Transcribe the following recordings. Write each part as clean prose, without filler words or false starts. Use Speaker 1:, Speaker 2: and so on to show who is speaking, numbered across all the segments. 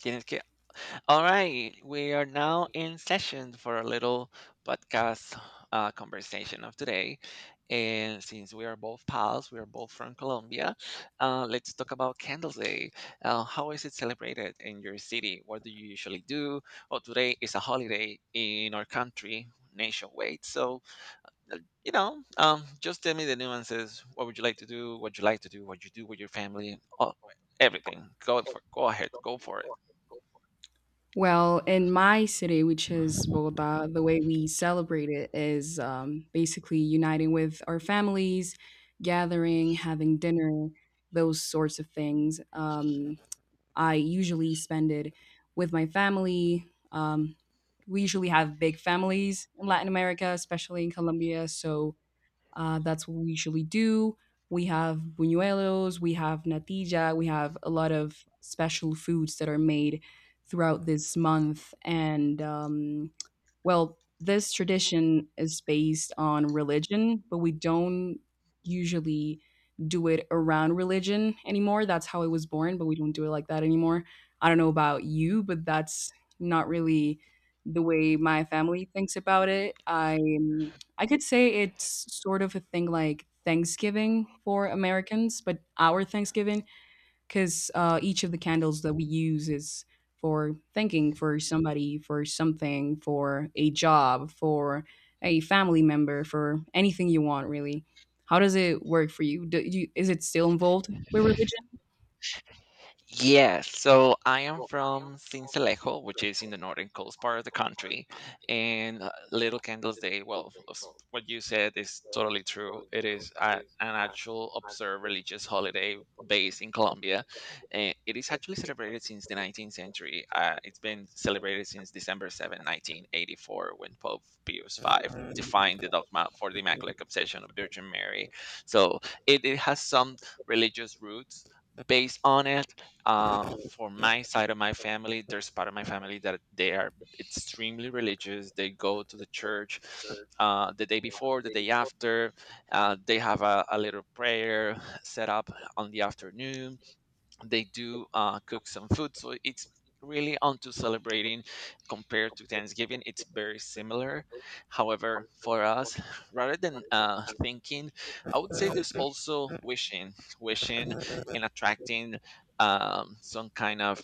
Speaker 1: Tienes que All right, we are now in session for a little podcast conversation of today. And since we are both pals, we are both from Colombia, let's talk about Candles Day. How is it celebrated in your city? What do you usually do? Well, today is a holiday in our country nationwide. So, just tell me the nuances. What would you like to do? What you like to do? What you do with your family? All, everything. Go ahead. Go for it.
Speaker 2: Well, in my city, which is Bogota, the way we celebrate it is basically uniting with our families, gathering, having dinner, those sorts of things. I usually spend it with my family. Um, we usually have big families in Latin America, especially in Colombia. So, that's what we usually do. We have buñuelos, we have natilla, we have a lot of special foods that are made throughout this month. And well, this tradition is based on religion, but we don't usually do it around religion anymore. That's how it was born, but we don't do it like that anymore. I don't know about you, but that's not really the way my family thinks about it. I could say it's sort of a thing like Thanksgiving for Americans, but our Thanksgiving, because each of the candles that we use is for thanking for somebody, for something, for a job, for a family member, for anything you want, really. How does it work for you? Do you is it still involved with religion?
Speaker 1: Yes, so I am from Sincelejo, which is in the northern coast part of the country. And Little Candles Day, well, what you said is totally true. It is an actual observed religious holiday based in Colombia. And it is actually celebrated since the 19th century. It's been celebrated since December 7, 1984, when Pope Pius V defined the dogma for the Immaculate Conception of Virgin Mary. So it has some religious roots based on it. For my side of my family, there's part of my family that they are extremely religious. They go to the church the day before, the day after. They have a little prayer set up on the afternoon. They do cook some food, so it's really onto celebrating. Compared to Thanksgiving, it's very similar. However, for us, rather than thinking, I would say there's also wishing and attracting some kind of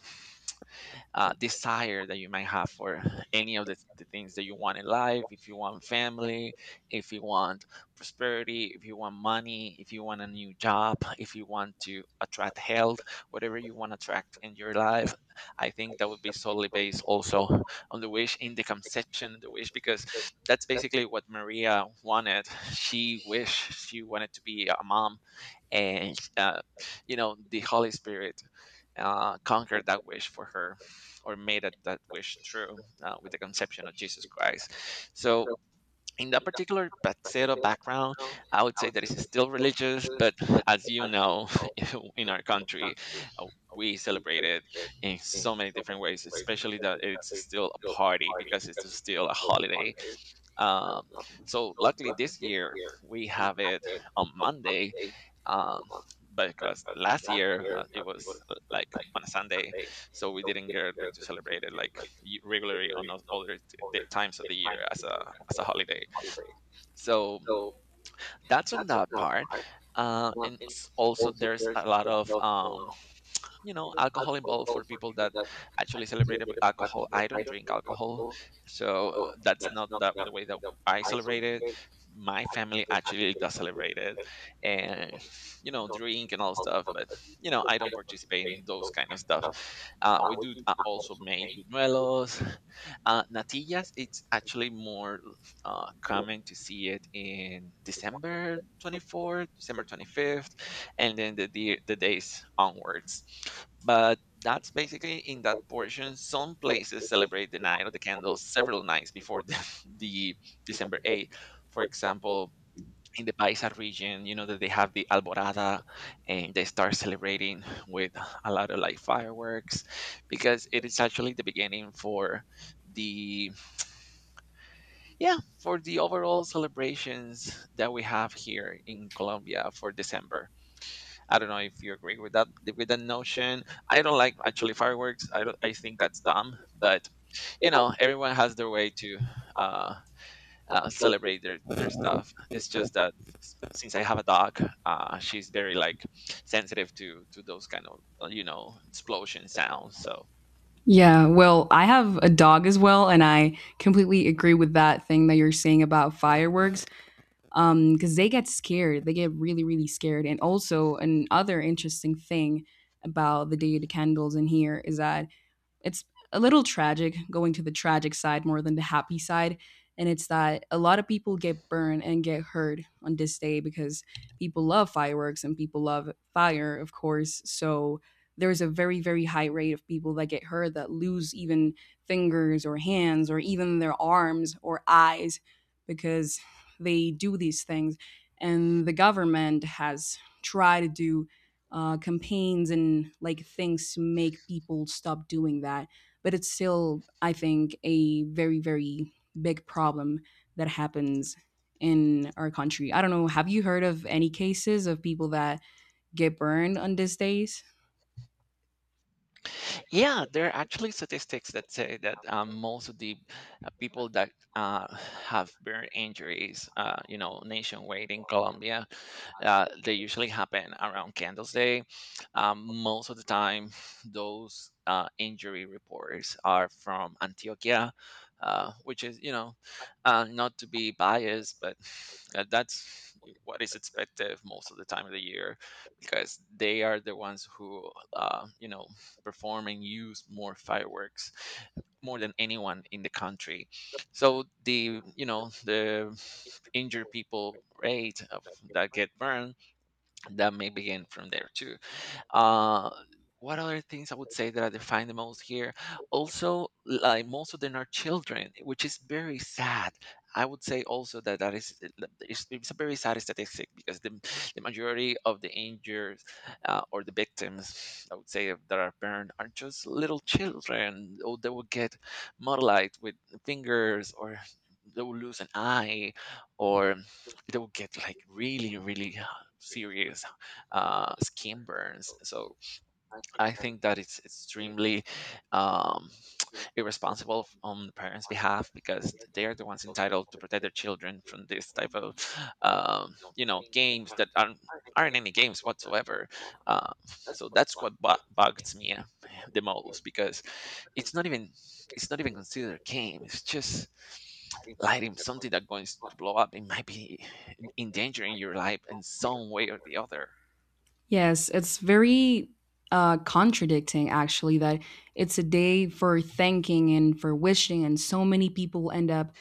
Speaker 1: desire that you might have for any of the things that you want in life. If you want family, if you want prosperity, if you want money, if you want a new job, if you want to attract health, whatever you want to attract in your life, I think that would be solely based also on the wish, in the conception of the wish, because that's basically what Maria wanted. She wished, she wanted to be a mom, and you know, the Holy Spirit conquered that wish for her, or made that wish true with the conception of Jesus Christ. So in that particular Paxero background, I would say that it's still religious, but as you know, in our country, uh, we celebrate it in so many different ways, especially that it's still a party because it's still a holiday. Um, so, luckily, this year we have it on Monday. Um, because last year it was like on a Sunday, so we didn't get to celebrate it like regularly on those other the times of the year as a holiday. So that's on that part. And also there's a lot of alcohol involved for people that actually celebrate it with alcohol. I don't drink alcohol, so that's not that the way that I celebrate it. My family actually does celebrate it, and drink and all stuff, but I don't participate in those kind of stuff. We do also make buñuelos, natillas. It's actually more common to see it in december 24th december 25th and then the days onwards, but that's basically in that portion. Some places celebrate the night of the candles several nights before the December 8th. For example, in the Paisa region, you know that they have the Alborada, and they start celebrating with a lot of like fireworks, because it is actually the beginning for the yeah, for the overall celebrations that we have here in Colombia for December. I don't know if you agree with that notion. I don't like actually fireworks. I don't, I think that's dumb, but everyone has their way to uh, celebrate their stuff. It's just that since I have a dog, she's very like sensitive to those kind of explosion sounds. So
Speaker 2: Yeah, well, I have a dog as well, and I completely agree with that thing that you're saying about fireworks, because they get scared, they get really, really scared. And also, another interesting thing about the day of the candles in here is that it's a little tragic, going to the tragic side more than the happy side. And it's that a lot of people get burned and get hurt on this day because people love fireworks and people love fire, of course. So there's a very, very high rate of people that get hurt, that lose even fingers or hands or even their arms or eyes because they do these things. And the government has tried to do campaigns and like things to make people stop doing that. But it's still, I think, a very, very big problem that happens in our country. I don't know. Have you heard of any cases of people that get burned on these days?
Speaker 1: yeah, there are actually statistics that say that most of the people that uh, have burn injuries, nationwide in Colombia. They usually happen around Candles Day. Most of the time, those injury reports are from Antioquia, which is, you know, not to be biased, but that's what is expected most of the time of the year, because they are the ones who, perform and use more fireworks, more than anyone in the country. So the the injured people, rate of, that get burned, that may begin from there too. Uh, what other things I would say that I define the most here? Also, like most of them are children, which is very sad. I would say also that that is it's a very sad statistic, because the majority of the injured or the victims, I would say, that are burned are just little children. Or they will get mutilized with fingers, or they will lose an eye, or they will get like really, really serious skin burns. So I think that it's extremely um, irresponsible on the parents' behalf, because they are the ones entitled to protect their children from this type of, games that aren't any games whatsoever. So that's what bugs me the most, because it's not even it's not even considered a game. It's just lighting something that's going to blow up. It might be endangering your life in some way or the other.
Speaker 2: Yes, it's very contradicting, actually, that it's a day for thanking and for wishing, and so many people end up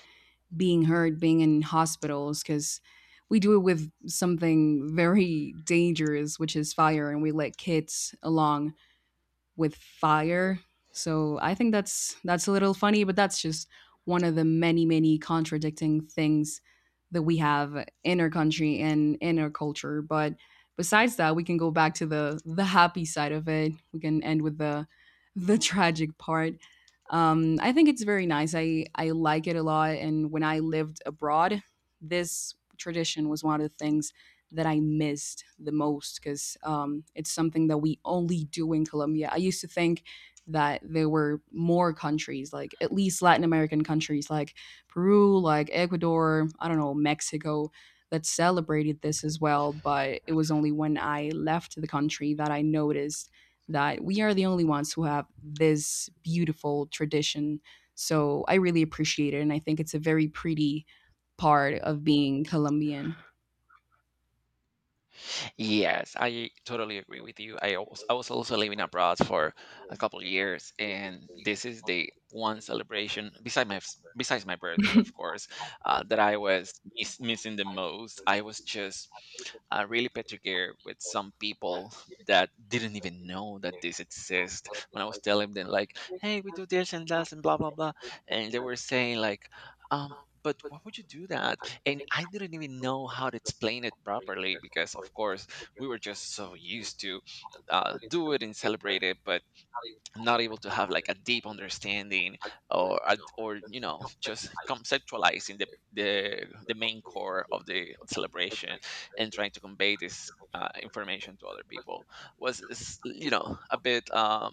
Speaker 2: being hurt, being in hospitals, because we do it with something very dangerous, which is fire, and we let kids along with fire. So I think that's a little funny, but that's just one of the many, many contradicting things that we have in our country and in our culture. But besides that, we can go back to the happy side of it. We can end with the tragic part. I think it's very nice. I like it a lot. And when I lived abroad, this tradition was one of the things that I missed the most because it's something that we only do in Colombia. I used to think that there were more countries, like at least Latin American countries, like Peru, like Ecuador, I don't know, Mexico, that celebrated this as well. But it was only when I left the country that I noticed that we are the only ones who have this beautiful tradition. So I really appreciate it. And I think it's a very pretty part of being Colombian.
Speaker 1: Yes, I totally agree with you. I was also living abroad for a couple of years, and this is the one celebration besides my birthday, of course, That I was missing the most. I was just really particular with some people that didn't even know that this exists. When I was telling them like, "Hey, we do this and that and blah blah blah," and they were saying like, um, "But why would you do that?" And I didn't even know how to explain it properly, because, of course, we were just so used to do it and celebrate it. But not able to have like a deep understanding, or or just conceptualizing the main core of the celebration, and trying to convey this information to other people was is, a bit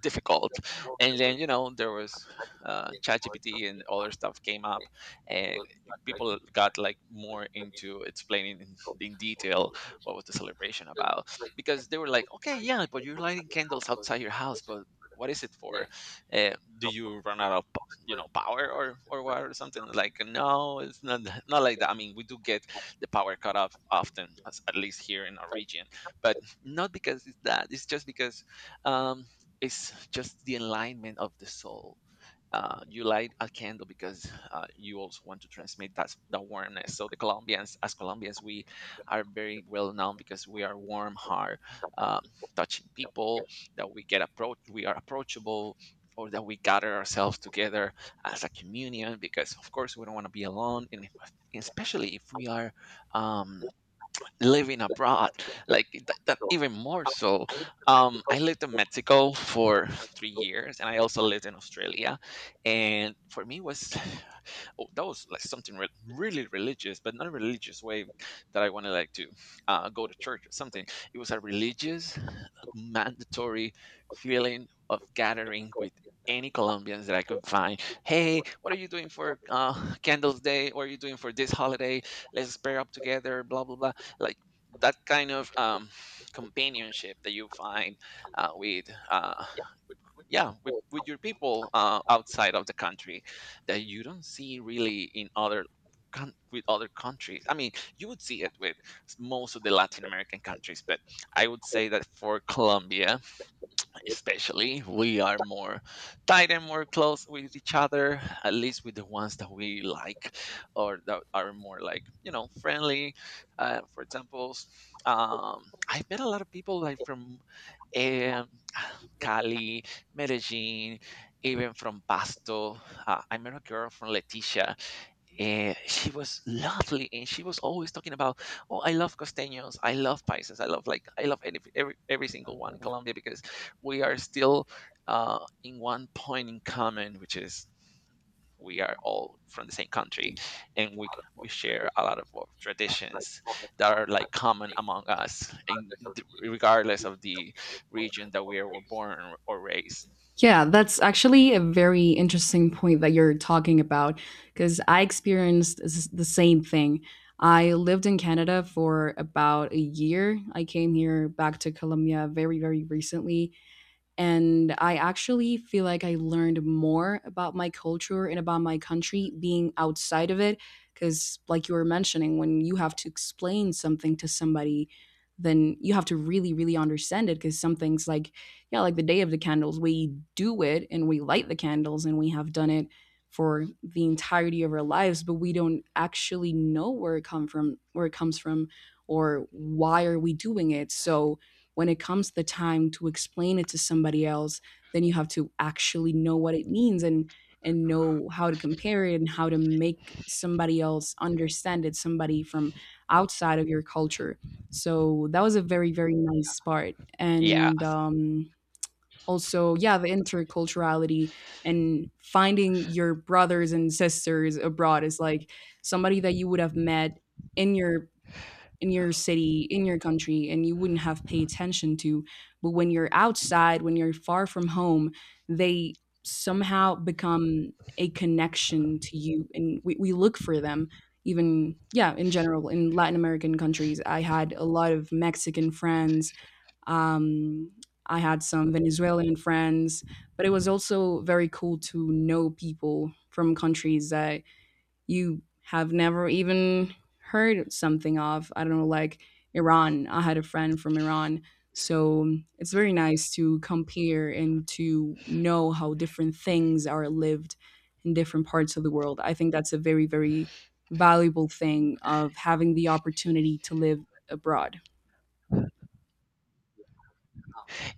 Speaker 1: difficult. And then there was ChatGPT and other stuff came up, and people got like more into explaining in detail what was the celebration about, because they were like, okay, yeah, but you're lighting candles outside your house, but what is it for? Uh, do you run out of power, or what or something? Like, no, it's not not like that. I mean, we do get the power cut off often, at least here in our region, but not because it's that. It's just because um, it's just the alignment of the soul. You light a candle because you also want to transmit that the warmness. So the Colombians, as Colombians, we are very well known because we are warm heart, um, touching people, that we get approach, we are approachable, or that we gather ourselves together as a communion, because of course we don't want to be alone, and if, especially if we are. Um, living abroad like that, even more so. I lived in Mexico for 3 years, and I also lived in Australia, and for me was oh, that was like something really religious, but not a religious way, that I wanted like to go to church or something. It was a religious mandatory feeling of gathering with any Colombians that I could find. Hey, what are you doing for Candles Day? What are you doing for this holiday? Let's pair up together. Blah blah blah, like that kind of companionship that you find with uh, yeah, with your people, outside of the country that you don't see really in other with other countries, I mean. You would see it with most of the Latin American countries, but I would say that for Colombia especially, we are more tight and more close with each other, at least with the ones that we like or that are more like, you know, friendly. For example, um, I've met a lot of people like from, um, Cali, Medellin, even from Pasto. I met a girl from Leticia. She was lovely, and she was always talking about, oh, I love costeños, I love paisas, I love, like, I love any, every single one in Colombia, because we are still, uh, in one point in common, which is we are all from the same country, and we share a lot of our traditions that are like common among us, and regardless of the region that we were born or raised.
Speaker 2: Yeah, that's actually a very interesting point that you're talking about, because I experienced the same thing. I lived in Canada for about a year. I came here back to Colombia very, very recently, and I actually feel like I learned more about my culture and about my country being outside of it. Because, like you were mentioning, when you have to explain something to somebody, then you have to really, really understand it. Because some things, like, yeah, like the day of the candles, we do it and we light the candles and we have done it for the entirety of our lives, but we don't actually know where it come from, where it comes from, or why are we doing it. So, when it comes the time to explain it to somebody else, then you have to actually know what it means and know how to compare it and how to make somebody else understand it, somebody from outside of your culture. So that was a very, very nice part.
Speaker 1: Yeah.
Speaker 2: And also, yeah, the interculturality and finding your brothers and sisters abroad is like somebody that you would have met in your in your city, in your country, and you wouldn't have paid attention to. But when you're outside, when you're far from home, they somehow become a connection to you. And we look for them, even, yeah, in general, in Latin American countries. I had a lot of Mexican friends. Um, I had some Venezuelan friends, but it was also very cool to know people from countries that you have never even heard something of. I don't know, like Iran. I had a friend from Iran. So it's very nice to compare and to know how different things are lived in different parts of the world. I think that's a very, very valuable thing of having the opportunity to live abroad.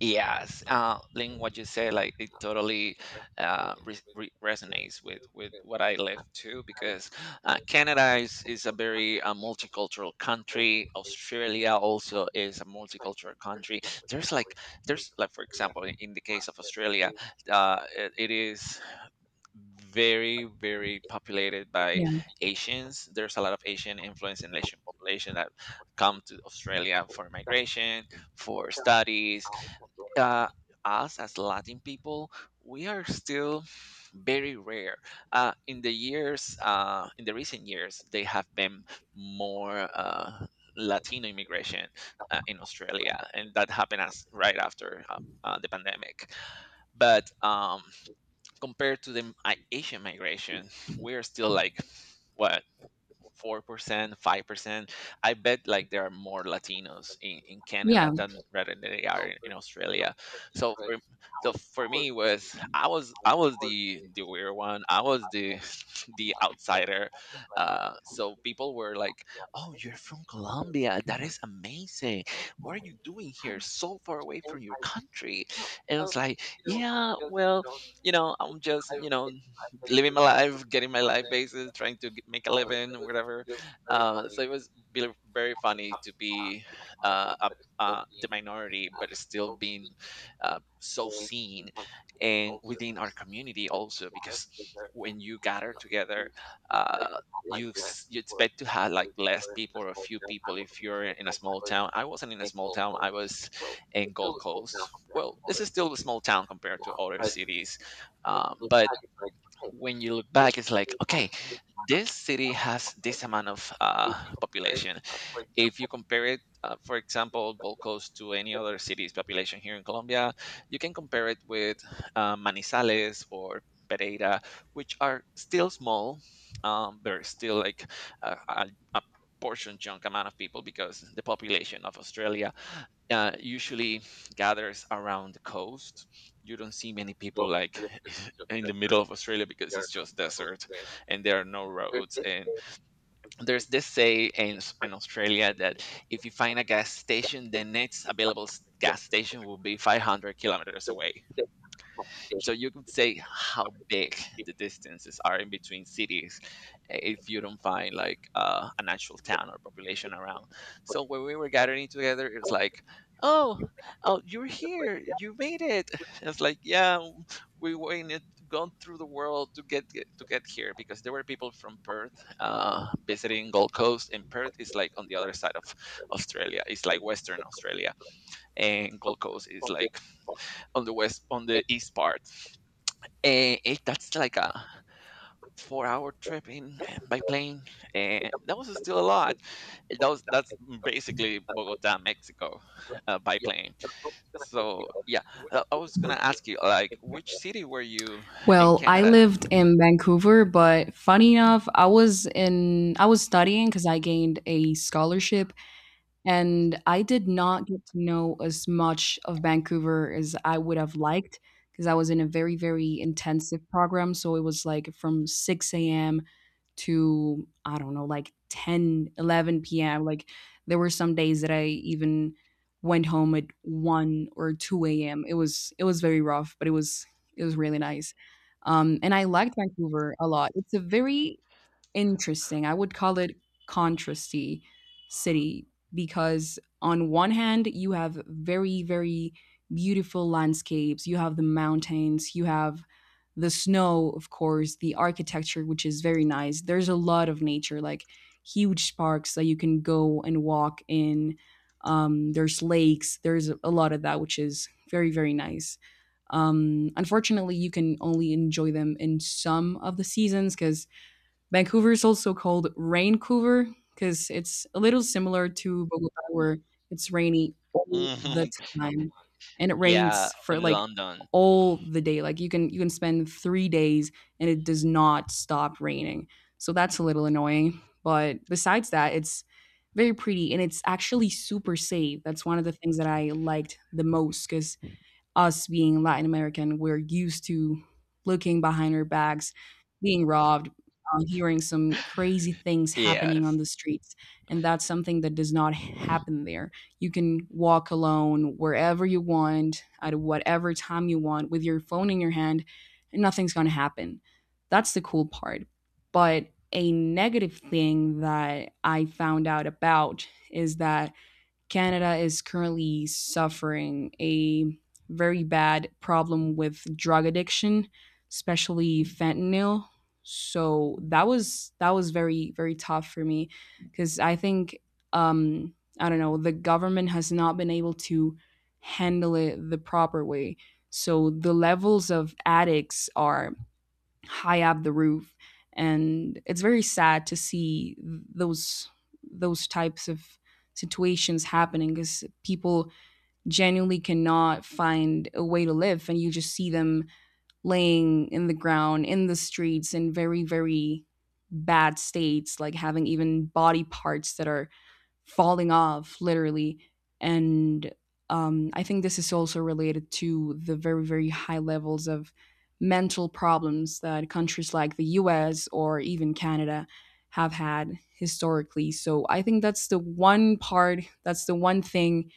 Speaker 1: Yes, Lynn, what you say, like, it totally re re resonates with what I live too, because Canada is a very multicultural country. Australia also is a multicultural country. There's like there's like, for example, in the case of Australia, it is very, very populated by Asians. There's a lot of Asian influence in Asian population that come to Australia for migration, for studies. uh, Us as Latin people, we are still very rare. In the recent years, they have been more Latino immigration in Australia, and that happened as right after the pandemic. But compared to the Asian migration, we are still like, what, 4%, 5%? I bet like there are more Latinos in Canada
Speaker 2: Yeah.
Speaker 1: than rather than they are in Australia. So for so for me, it was, I was the weird one. I was the the outsider. So people were like, "Oh, you're from Colombia. That is amazing. What are you doing here so far away from your country?" And it's like, "Yeah, well, you know, I'm just, you know, living my life, getting my life basis, trying to make a living or whatever." So it was very funny to be uh, a, the minority, but still being so seen, and within our community also, because when you gather together, uh, you expect to have like less people or a few people if you're in a small town. I wasn't in a small town. I was in Gold Coast. Well, this is still a small town compared to other cities, but when you look back, it's like, okay, this city has this amount of population. If you compare it, for example, Gold Coast to any other city's population here in Colombia, you can compare it with Manizales or Pereira, which are still small. There's still like a portion chunk amount of people, because the population of Australia usually gathers around the coast. You don't see many people like in the middle of Australia, because it's just desert, and there are no roads, and there's this say in, in Australia, that if you find a gas station, the next available gas station will be 500 kilometers away. So you could say how big the distances are in between cities, if you don't find like an actual town or population around. So when we were gathering together, it was like, oh, oh, you're here, you made it. It's like, yeah, we went it, gone through the world to get here, because there were people from Perth visiting Gold Coast, and Perth is like on the other side of Australia. It's like Western Australia, and Gold Coast is like on the east part. That's like a 4-hour trip by plane. That was still a lot. That's basically Bogota, Mexico, by plane. So yeah, I was gonna ask you, like, which city were you in
Speaker 2: Well, I
Speaker 1: Canada?
Speaker 2: lived in Vancouver, but funny enough, I was studying because I gained a scholarship. And I did not get to know as much of Vancouver as I would have liked because I was in a very, very intensive program. So it was like from 6 a.m. to, I don't know, like 10, 11 p.m. Like there were some days that I even went home at 1 or 2 a.m. It was very rough, but it was really nice. And I liked Vancouver a lot. It's a very interesting. I would call it contrasty city, because on one hand you have very, very beautiful landscapes, you have the mountains, you have the snow, of course, the architecture, which is very nice. There's a lot of nature, like huge parks that you can go and walk in. There's lakes, there's a lot of that, which is very, very nice. Unfortunately, you can only enjoy them in some of the seasons because Vancouver is also called Raincouver, because it's a little similar to Bogota, where it's rainy all the
Speaker 1: Mhm.
Speaker 2: time, and it
Speaker 1: Yeah,
Speaker 2: rains for
Speaker 1: in
Speaker 2: like
Speaker 1: London.
Speaker 2: all the day. Like you can, you can spend 3 days and it does not stop raining. So that's a little annoying. But besides that, it's very pretty and it's actually super safe. That's one of the things that I liked the most, because us being Latin American, we're used to looking behind our backs, being robbed, hearing some crazy things happening on
Speaker 1: Yes.
Speaker 2: the streets. And that's something that does not happen there. You can walk alone wherever you want, at whatever time you want, with your phone in your hand, and nothing's going to happen. That's the cool part. But a negative thing that I found out about is that Canada is currently suffering a very bad problem with drug addiction, especially fentanyl. So that was, that was very, very tough for me because I think um, I don't know, the government has not been able to handle it the proper way. So the levels of addicts are high up the roof, and it's very sad to see those types of situations happening because people genuinely cannot find a way to live, and you just see them laying in the ground in the streets in very, very bad states, like having even body parts that are falling off, literally. And I think this is also related to the very, very high levels of mental problems that countries like the US or even Canada have had historically. So I think that's the one part, that's the one thing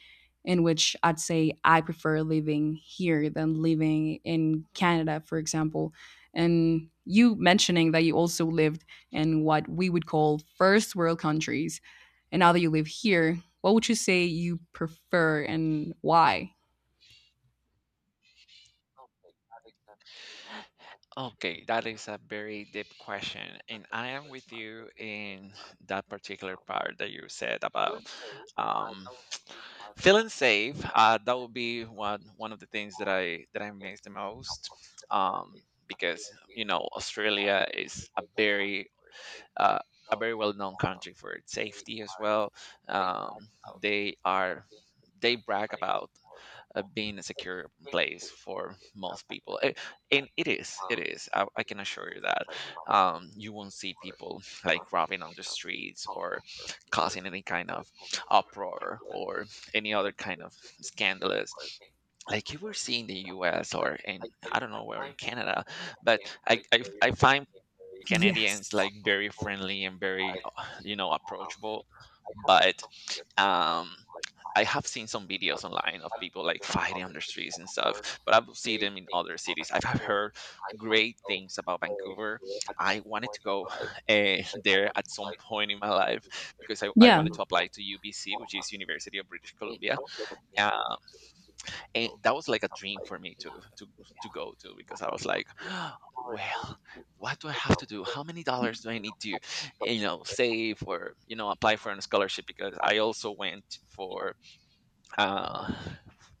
Speaker 2: in which I'd say I prefer living here than living in Canada, for example. And you mentioning that you also lived in what we would call first world countries, and now that you live here, what would you say you prefer and why?
Speaker 1: Okay, that is a very deep question, and I am with you in that particular part that you said about, um, feeling safe. That would be one of the things that I miss the most, because, you know, Australia is uh, a very well known country for its safety as well. Um, they are they brag about being a secure place for most people. And it is, it is. I can assure you that. You won't see people like robbing on the streets or causing any kind of uproar, or any other kind of scandalous, like you were seeing in the US, or in, I don't know where in Canada, but I find Canadians
Speaker 2: Yes.
Speaker 1: like very friendly and very you know, approachable. But um I have seen some videos online of people like fighting on the streets and stuff, but I will see them in other cities. I've have heard great things about Vancouver. I wanted to go there at some point in my life, because I wanted to apply to UBC, which is University of British Columbia, and that was like a dream for me to to go to, because I was like, well, what do I have to do? How many dollars do I need to, you know, save, or, you know, apply for a scholarship? Because uh,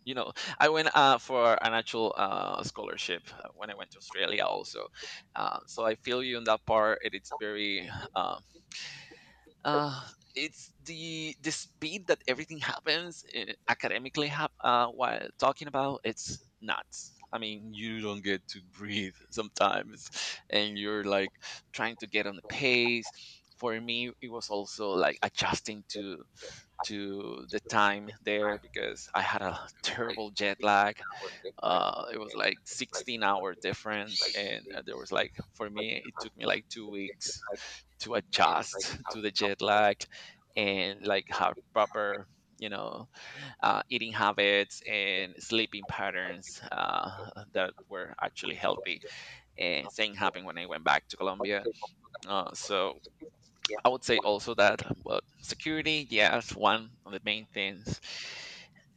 Speaker 1: you know, I went for an actual scholarship when I went to Australia also. So I feel you on that part. It's very. um uh, it's the speed that everything happens academically, hap while talking about, it's nuts, I mean, you don't get to breathe sometimes, and you're like trying to get on the pace. For me, it was also like adjusting to the time there, because I had a terrible jet lag. It was like 16- hour difference, and there was like, for me, it took me like 2 weeks to adjust to the jet lag, and like have proper, you know, eating habits and sleeping patterns that were actually healthy. And same happened when I went back to Colombia. So I would say also that, but security, yeah, it's one of the main things.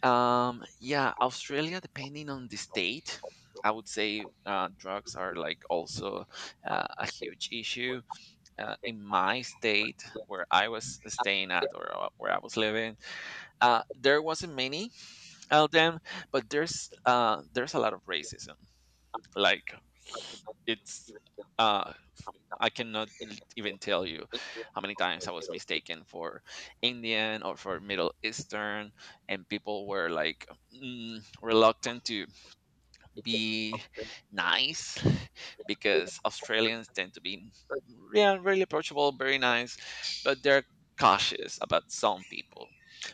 Speaker 1: Yeah, Australia, depending on the state, I would say drugs are like also a huge issue. In my state, where I was staying at, or where I was living, there wasn't many of them, but there's a lot of racism. Like, it's uh, I cannot even tell you how many times I was mistaken for Indian or for Middle Eastern, and people were like, reluctant to be nice because Australians tend to be, yeah, really approachable, very nice, but they're cautious about some people.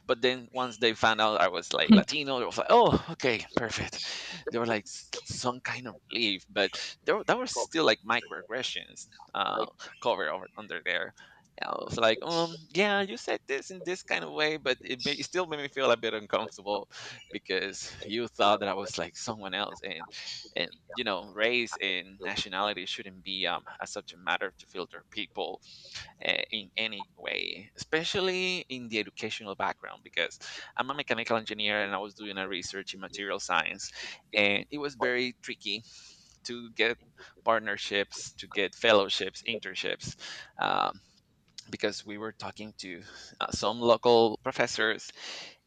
Speaker 1: But then once they found out I was like Latino, they was like, "Oh, okay, perfect." They were like some kind of relief, but that was still like microaggressions covered over under there. I was like, yeah, you said this in this kind of way, but it still made me feel a bit uncomfortable because you thought that I was like someone else. And you know, race and nationality shouldn't be, a subject matter to filter people in any way, especially in the educational background, because I'm a mechanical engineer, and I was doing a research in material science, and it was very tricky to get partnerships, to get fellowships, internships. Um, because we were talking to some local professors,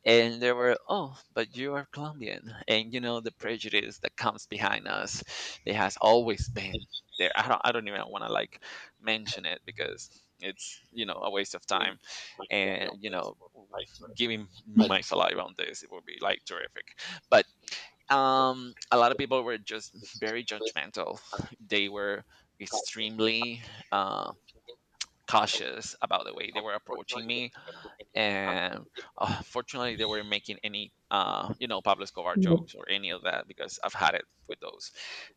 Speaker 1: and they were, oh, but you are Colombian, and you know the prejudice that comes behind us, it has always been there. I don't even want to like mention it, because it's, you know, a waste of time, and, you know, giving my saliva on this, it would be like terrific. But a lot of people were just very judgmental. They were extremely um cautious about the way they were approaching me, and fortunately they weren't making any you know, Pablo Escobar
Speaker 2: Yep.
Speaker 1: jokes or any of that, because I've had it with those.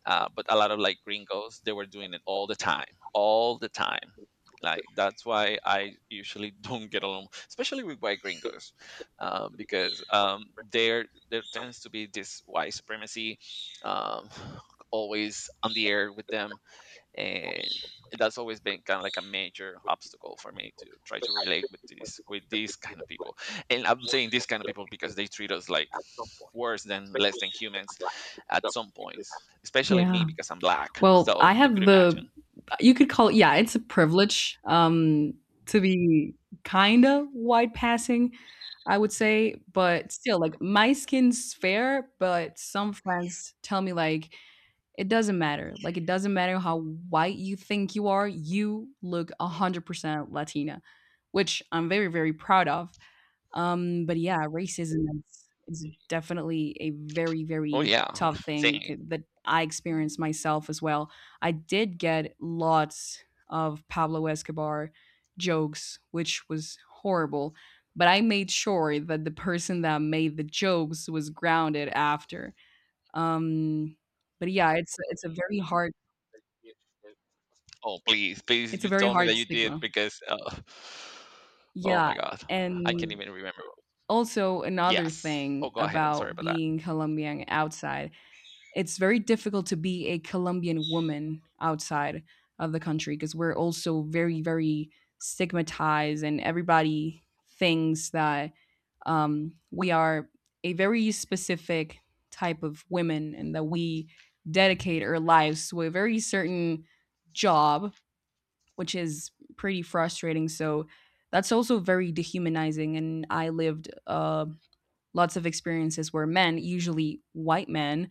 Speaker 1: But a lot of like gringos, they were doing it all the time, all the time. Like, that's why I usually don't get along, especially with white gringos, because, there tends to be this white supremacy, um, always on the air with them. And that's always been kind of like a major obstacle for me to try to relate with these kind of people. And I'm saying these kind of people because they treat us like worse than, less than humans at some points, especially
Speaker 2: Yeah.
Speaker 1: me, because I'm black,
Speaker 2: Well,
Speaker 1: so
Speaker 2: I
Speaker 1: you could
Speaker 2: have
Speaker 1: imagine.
Speaker 2: the, you could call it, yeah, it's a privilege, to be kind of white passing, I would say, but still, like, my skin's fair, but some friends tell me, like, "It doesn't matter. Like, it doesn't matter how white you think you are, you look 100% Latina," which I'm very, very proud of. But yeah, racism is definitely a very,
Speaker 1: Oh,
Speaker 2: very
Speaker 1: yeah.
Speaker 2: tough thing
Speaker 1: Saying,
Speaker 2: that I experienced myself as well. I did get lots of Pablo Escobar jokes, which was horrible, but I made sure that the person that made the jokes was grounded after. Um, but yeah, it's a very hard,
Speaker 1: oh please, please,
Speaker 2: it's
Speaker 1: you
Speaker 2: a very,
Speaker 1: told me that you did, because oh
Speaker 2: yeah.
Speaker 1: my God, I can't even remember.
Speaker 2: Also, another
Speaker 1: Yes. Oh,
Speaker 2: thing
Speaker 1: go ahead, I'm sorry
Speaker 2: about
Speaker 1: about that.
Speaker 2: being Colombian outside, it's very difficult to be a Colombian woman outside of the country because we're also very, very stigmatized, and everybody thinks that we are a very specific type of women, and that we dedicate our lives to a very certain job, which is pretty frustrating. So that's also very dehumanizing. And I lived lots of experiences where men, usually white men,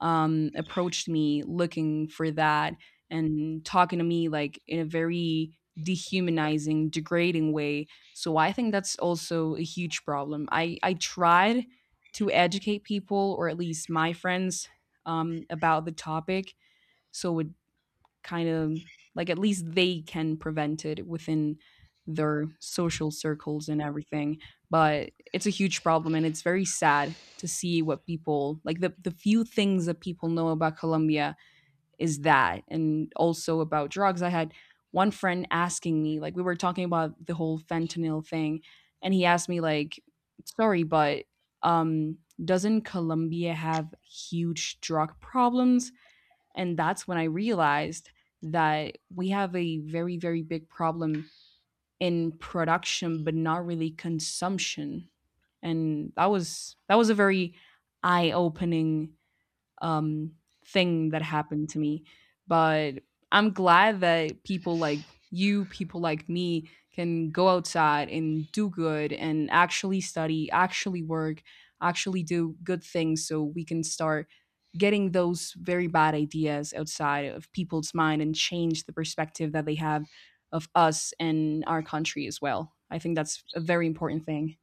Speaker 2: approached me looking for that and talking to me like in a very dehumanizing, degrading way. So I think that's also a huge problem. I tried to educate people, or at least my friends, about the topic. So it kind of, like, at least they can prevent it within their social circles and everything. But it's a huge problem, and it's very sad to see what people, like, the few things that people know about Colombia is that, and also about drugs. I had one friend asking me, like, we were talking about the whole fentanyl thing, and he asked me like, sorry, but um doesn't Colombia have huge drug problems? And that's when I realized that we have a very, very big problem in production, but not really consumption. And that was, that was a very eye-opening um, thing that happened to me. But I'm glad that people like you, people like me, can go outside and do good and actually study, actually work, actually do good things, so we can start getting those very bad ideas outside of people's mind and change the perspective that they have of us and our country as well. I think that's a very important thing.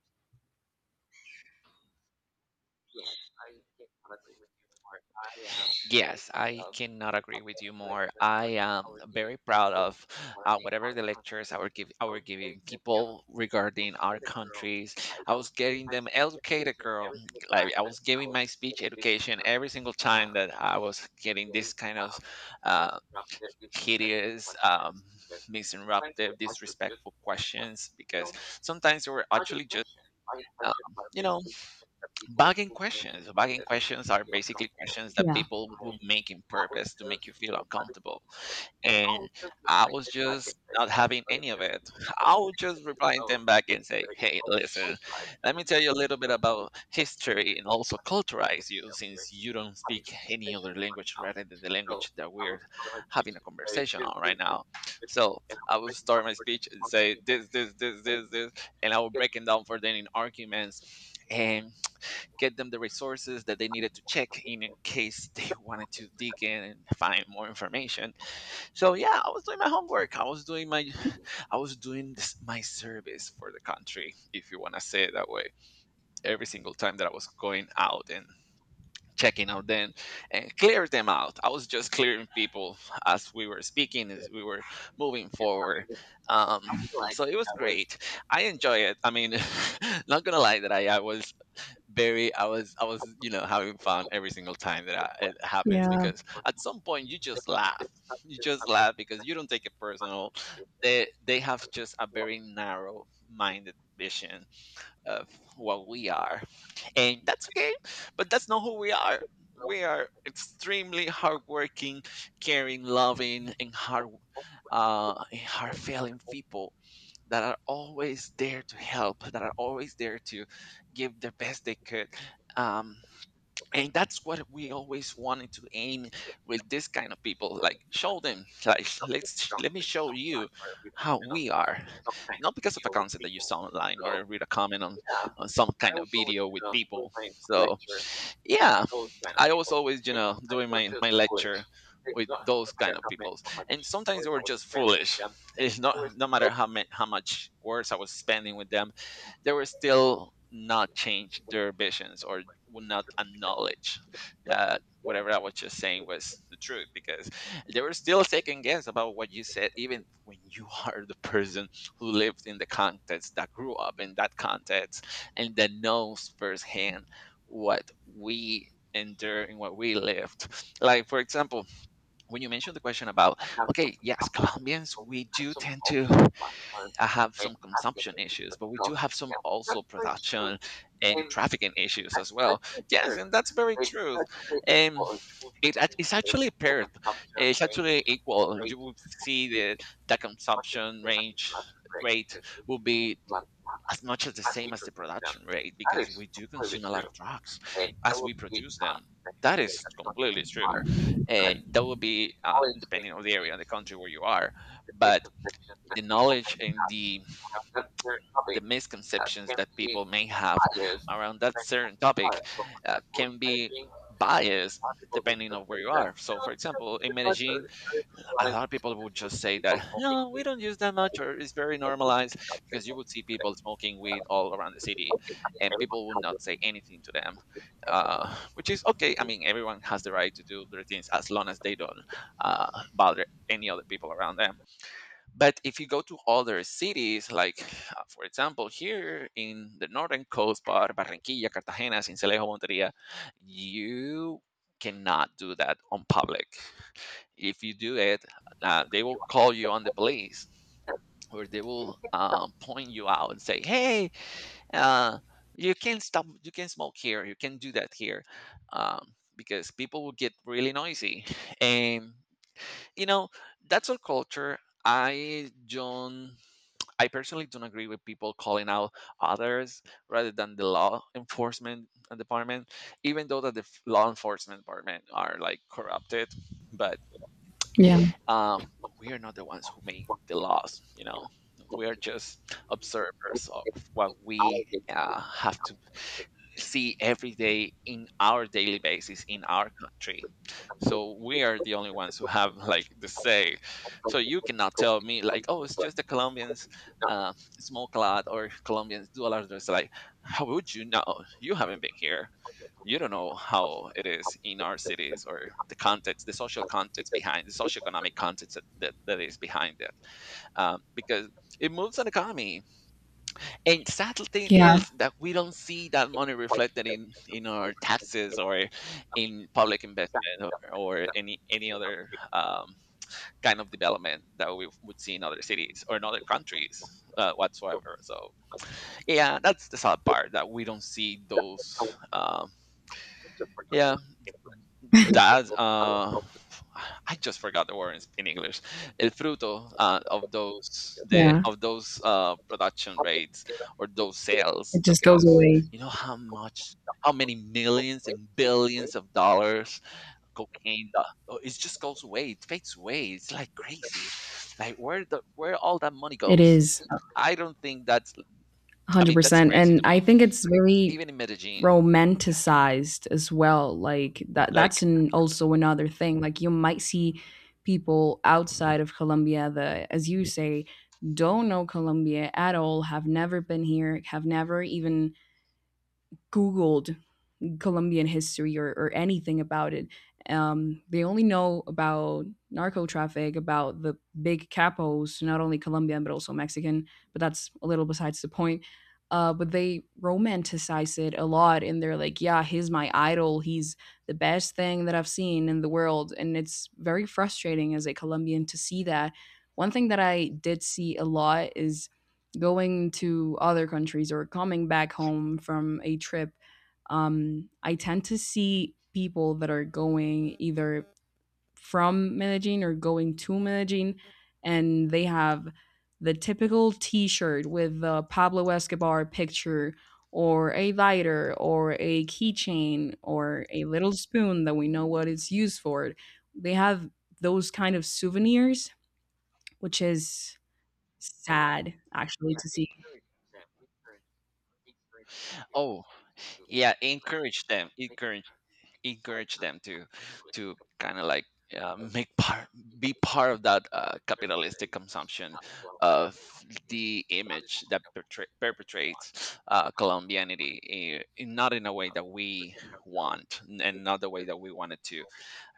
Speaker 1: Yes, I cannot agree with you more. I am very proud of whatever the lectures I were giving people regarding our countries. I was getting them educated, girl. Like, I was giving my speech education every single time that I was getting this kind of uh, hideous, misinterruptive, disrespectful questions, because sometimes they were actually just, you know, bugging questions. Bugging questions are basically questions that
Speaker 2: Yeah.
Speaker 1: people will make in purpose to make you feel uncomfortable. And I was just not having any of it. I would just reply them back and say, hey, listen, let me tell you a little bit about history and also culturize you since you don't speak any other language rather than the language that we're having a conversation on right now. So I will start my speech and say this, this, this, this, this, and I will break it down for them in arguments. And get them the resources that they needed to check in case they wanted to dig in and find more information. So yeah, I was doing my homework. I was doing my I was doing this, my service for the country, if you want to say it that way. Every single time that I was going out and checking out them and clear them out. I was just clearing people as we were speaking, as we were moving forward. Um, so it was great. I enjoy it. I mean, not gonna lie that I was very I was having fun every single time that I, it happens
Speaker 2: Yeah.
Speaker 1: because at some point you just laugh you just laugh because you don't take it personal. They have just a very narrow minded vision of what we are, and that's okay, but that's not who we are. We are extremely hardworking, caring, loving, and hard feeling people that are always there to help, that are always there to give the best they could. Um and that's what we always wanted to aim with this kind of people, like show them, like let me show you how we are, not because of a concept that you saw online or read a comment on some kind of video with people. So yeah, I was always, you know, doing my lecture with those kind of peoples, and sometimes they were just foolish. It's not no matter how much words I was spending with them, they were still not change their visions or would not acknowledge that whatever I was just saying was the truth, because they were still taking guess about what you said, even when you are the person who lived in the context, that grew up in that context, and that knows firsthand what we in there in where we lived. Like for example, when you mentioned the question about, okay, yes, Colombians we do tend to have some consumption issues, but we do have some also production and trafficking issues as well. Yes, and that's very true. Um, it's actually paired. It's actually equal. You will see that the consumption range rate will be as much as the same as the production rate, because we do consume a lot of drugs as we produce them. That is completely true. That would be depending on the area and the country where you are, but the knowledge and the misconceptions that people may have around that certain topic can be biased depending on where you are. So, for example, in Medellin, a lot of people would just say that no, we don't use that much, or it's very normalized, because you would see people smoking weed all around the city, and people would not say anything to them, which is okay. I mean, everyone has the right to do their things as long as they don't bother any other people around them. But if you go to other cities, like for example here in the northern coast, Barranquilla, Cartagena, Sincelejo, Monteria, you cannot do that on public. If you do it, they will call you on the police, or they will point you out and say, "Hey, uh, you can stop. You can smoke here. You can do that here," because people will get really noisy. And you know, that's our culture. I don't. I personally don't agree with people calling out others rather than the law enforcement department, even though that law enforcement department are like corrupted. But
Speaker 2: Yeah.
Speaker 1: uh, we are not the ones who make the laws, you know. We are just observers of what we have to see every day in our daily basis in our country. So we are the only ones who have like the say. So you cannot tell me like, oh, it's just the Colombians uh, smoke a lot, or Colombians do a lot of this. Like how would you know? You haven't been here. You don't know how it is in our cities, or the context, the social context behind, the socioeconomic context that, is behind it. Because it moves an economy, and sad thing
Speaker 2: Yeah.
Speaker 1: is that we don't see that money reflected in our taxes, or in public investment, or any other kind of development that we would see in other cities or in other countries whatsoever. So yeah, that's the sad part, that we don't see those. Yeah, that I just forgot the word in English. El fruto, of those, the
Speaker 2: Yeah.
Speaker 1: of those production rates, or those sales,
Speaker 2: It just goes
Speaker 1: because
Speaker 2: away.
Speaker 1: you know how much, how many millions and billions of dollars cocaine do- oh, it just goes away. It fades away. It's like crazy. Like where the, where all that money
Speaker 2: It
Speaker 1: goes?
Speaker 2: is.
Speaker 1: I don't think that's— I mean, that's
Speaker 2: 100%.
Speaker 1: crazy
Speaker 2: And
Speaker 1: to
Speaker 2: I
Speaker 1: me.
Speaker 2: think it's very
Speaker 1: Even in Medellin,
Speaker 2: romanticized as well. Like that,
Speaker 1: like,
Speaker 2: that's an also another thing. Like, you might see people outside of Colombia that, as you say, don't know Colombia at all, have never been here, have never even googled Colombian history or anything about it. They only know about narco traffic, about the big capos, not only Colombian but also Mexican. But that's a little besides the point. But they romanticize it a lot, and they're like, "Yeah, he's my idol. He's the best thing that I've seen in the world." And it's very frustrating as a Colombian to see that. One thing that I did see a lot is, going to other countries or coming back home from a trip, I tend to see people that are going either from Medellin or going to Medellin, and they have the typical T-shirt with the Pablo Escobar picture, or a lighter, or a keychain, or a little spoon that we know what it's used for. They have those kind of souvenirs, which is sad, actually.
Speaker 1: oh yeah, encourage them, encourage them to kind of like make part, be part of that capitalistic consumption of the image that perpetrates Colombianity, in not in a way that we want and not the way that we wanted to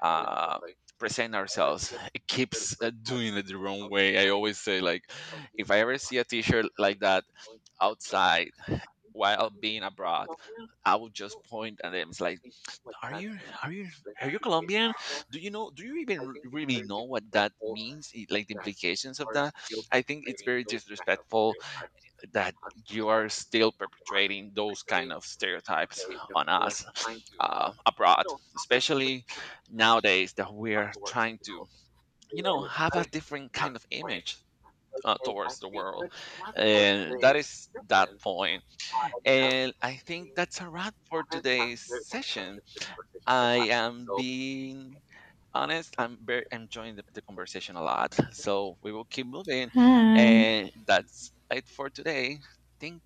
Speaker 1: uh, present ourselves. It keeps doing it the wrong way. I always say, like, if I ever see a t-shirt like that outside while being abroad, I would just point at them. It's like, are you, are you Colombian? Do you know? Do you even really know what that means? Like the implications of that? I think it's very disrespectful that you are still perpetrating those kind of stereotypes on us abroad, especially nowadays that we are trying to, you know, have a different kind of image towards the world. And that is that point. And I think that's a wrap for today's session. I am being honest. I'm very enjoying the conversation a lot. So we will keep moving.
Speaker 2: Hi.
Speaker 1: And that's it for today. Thank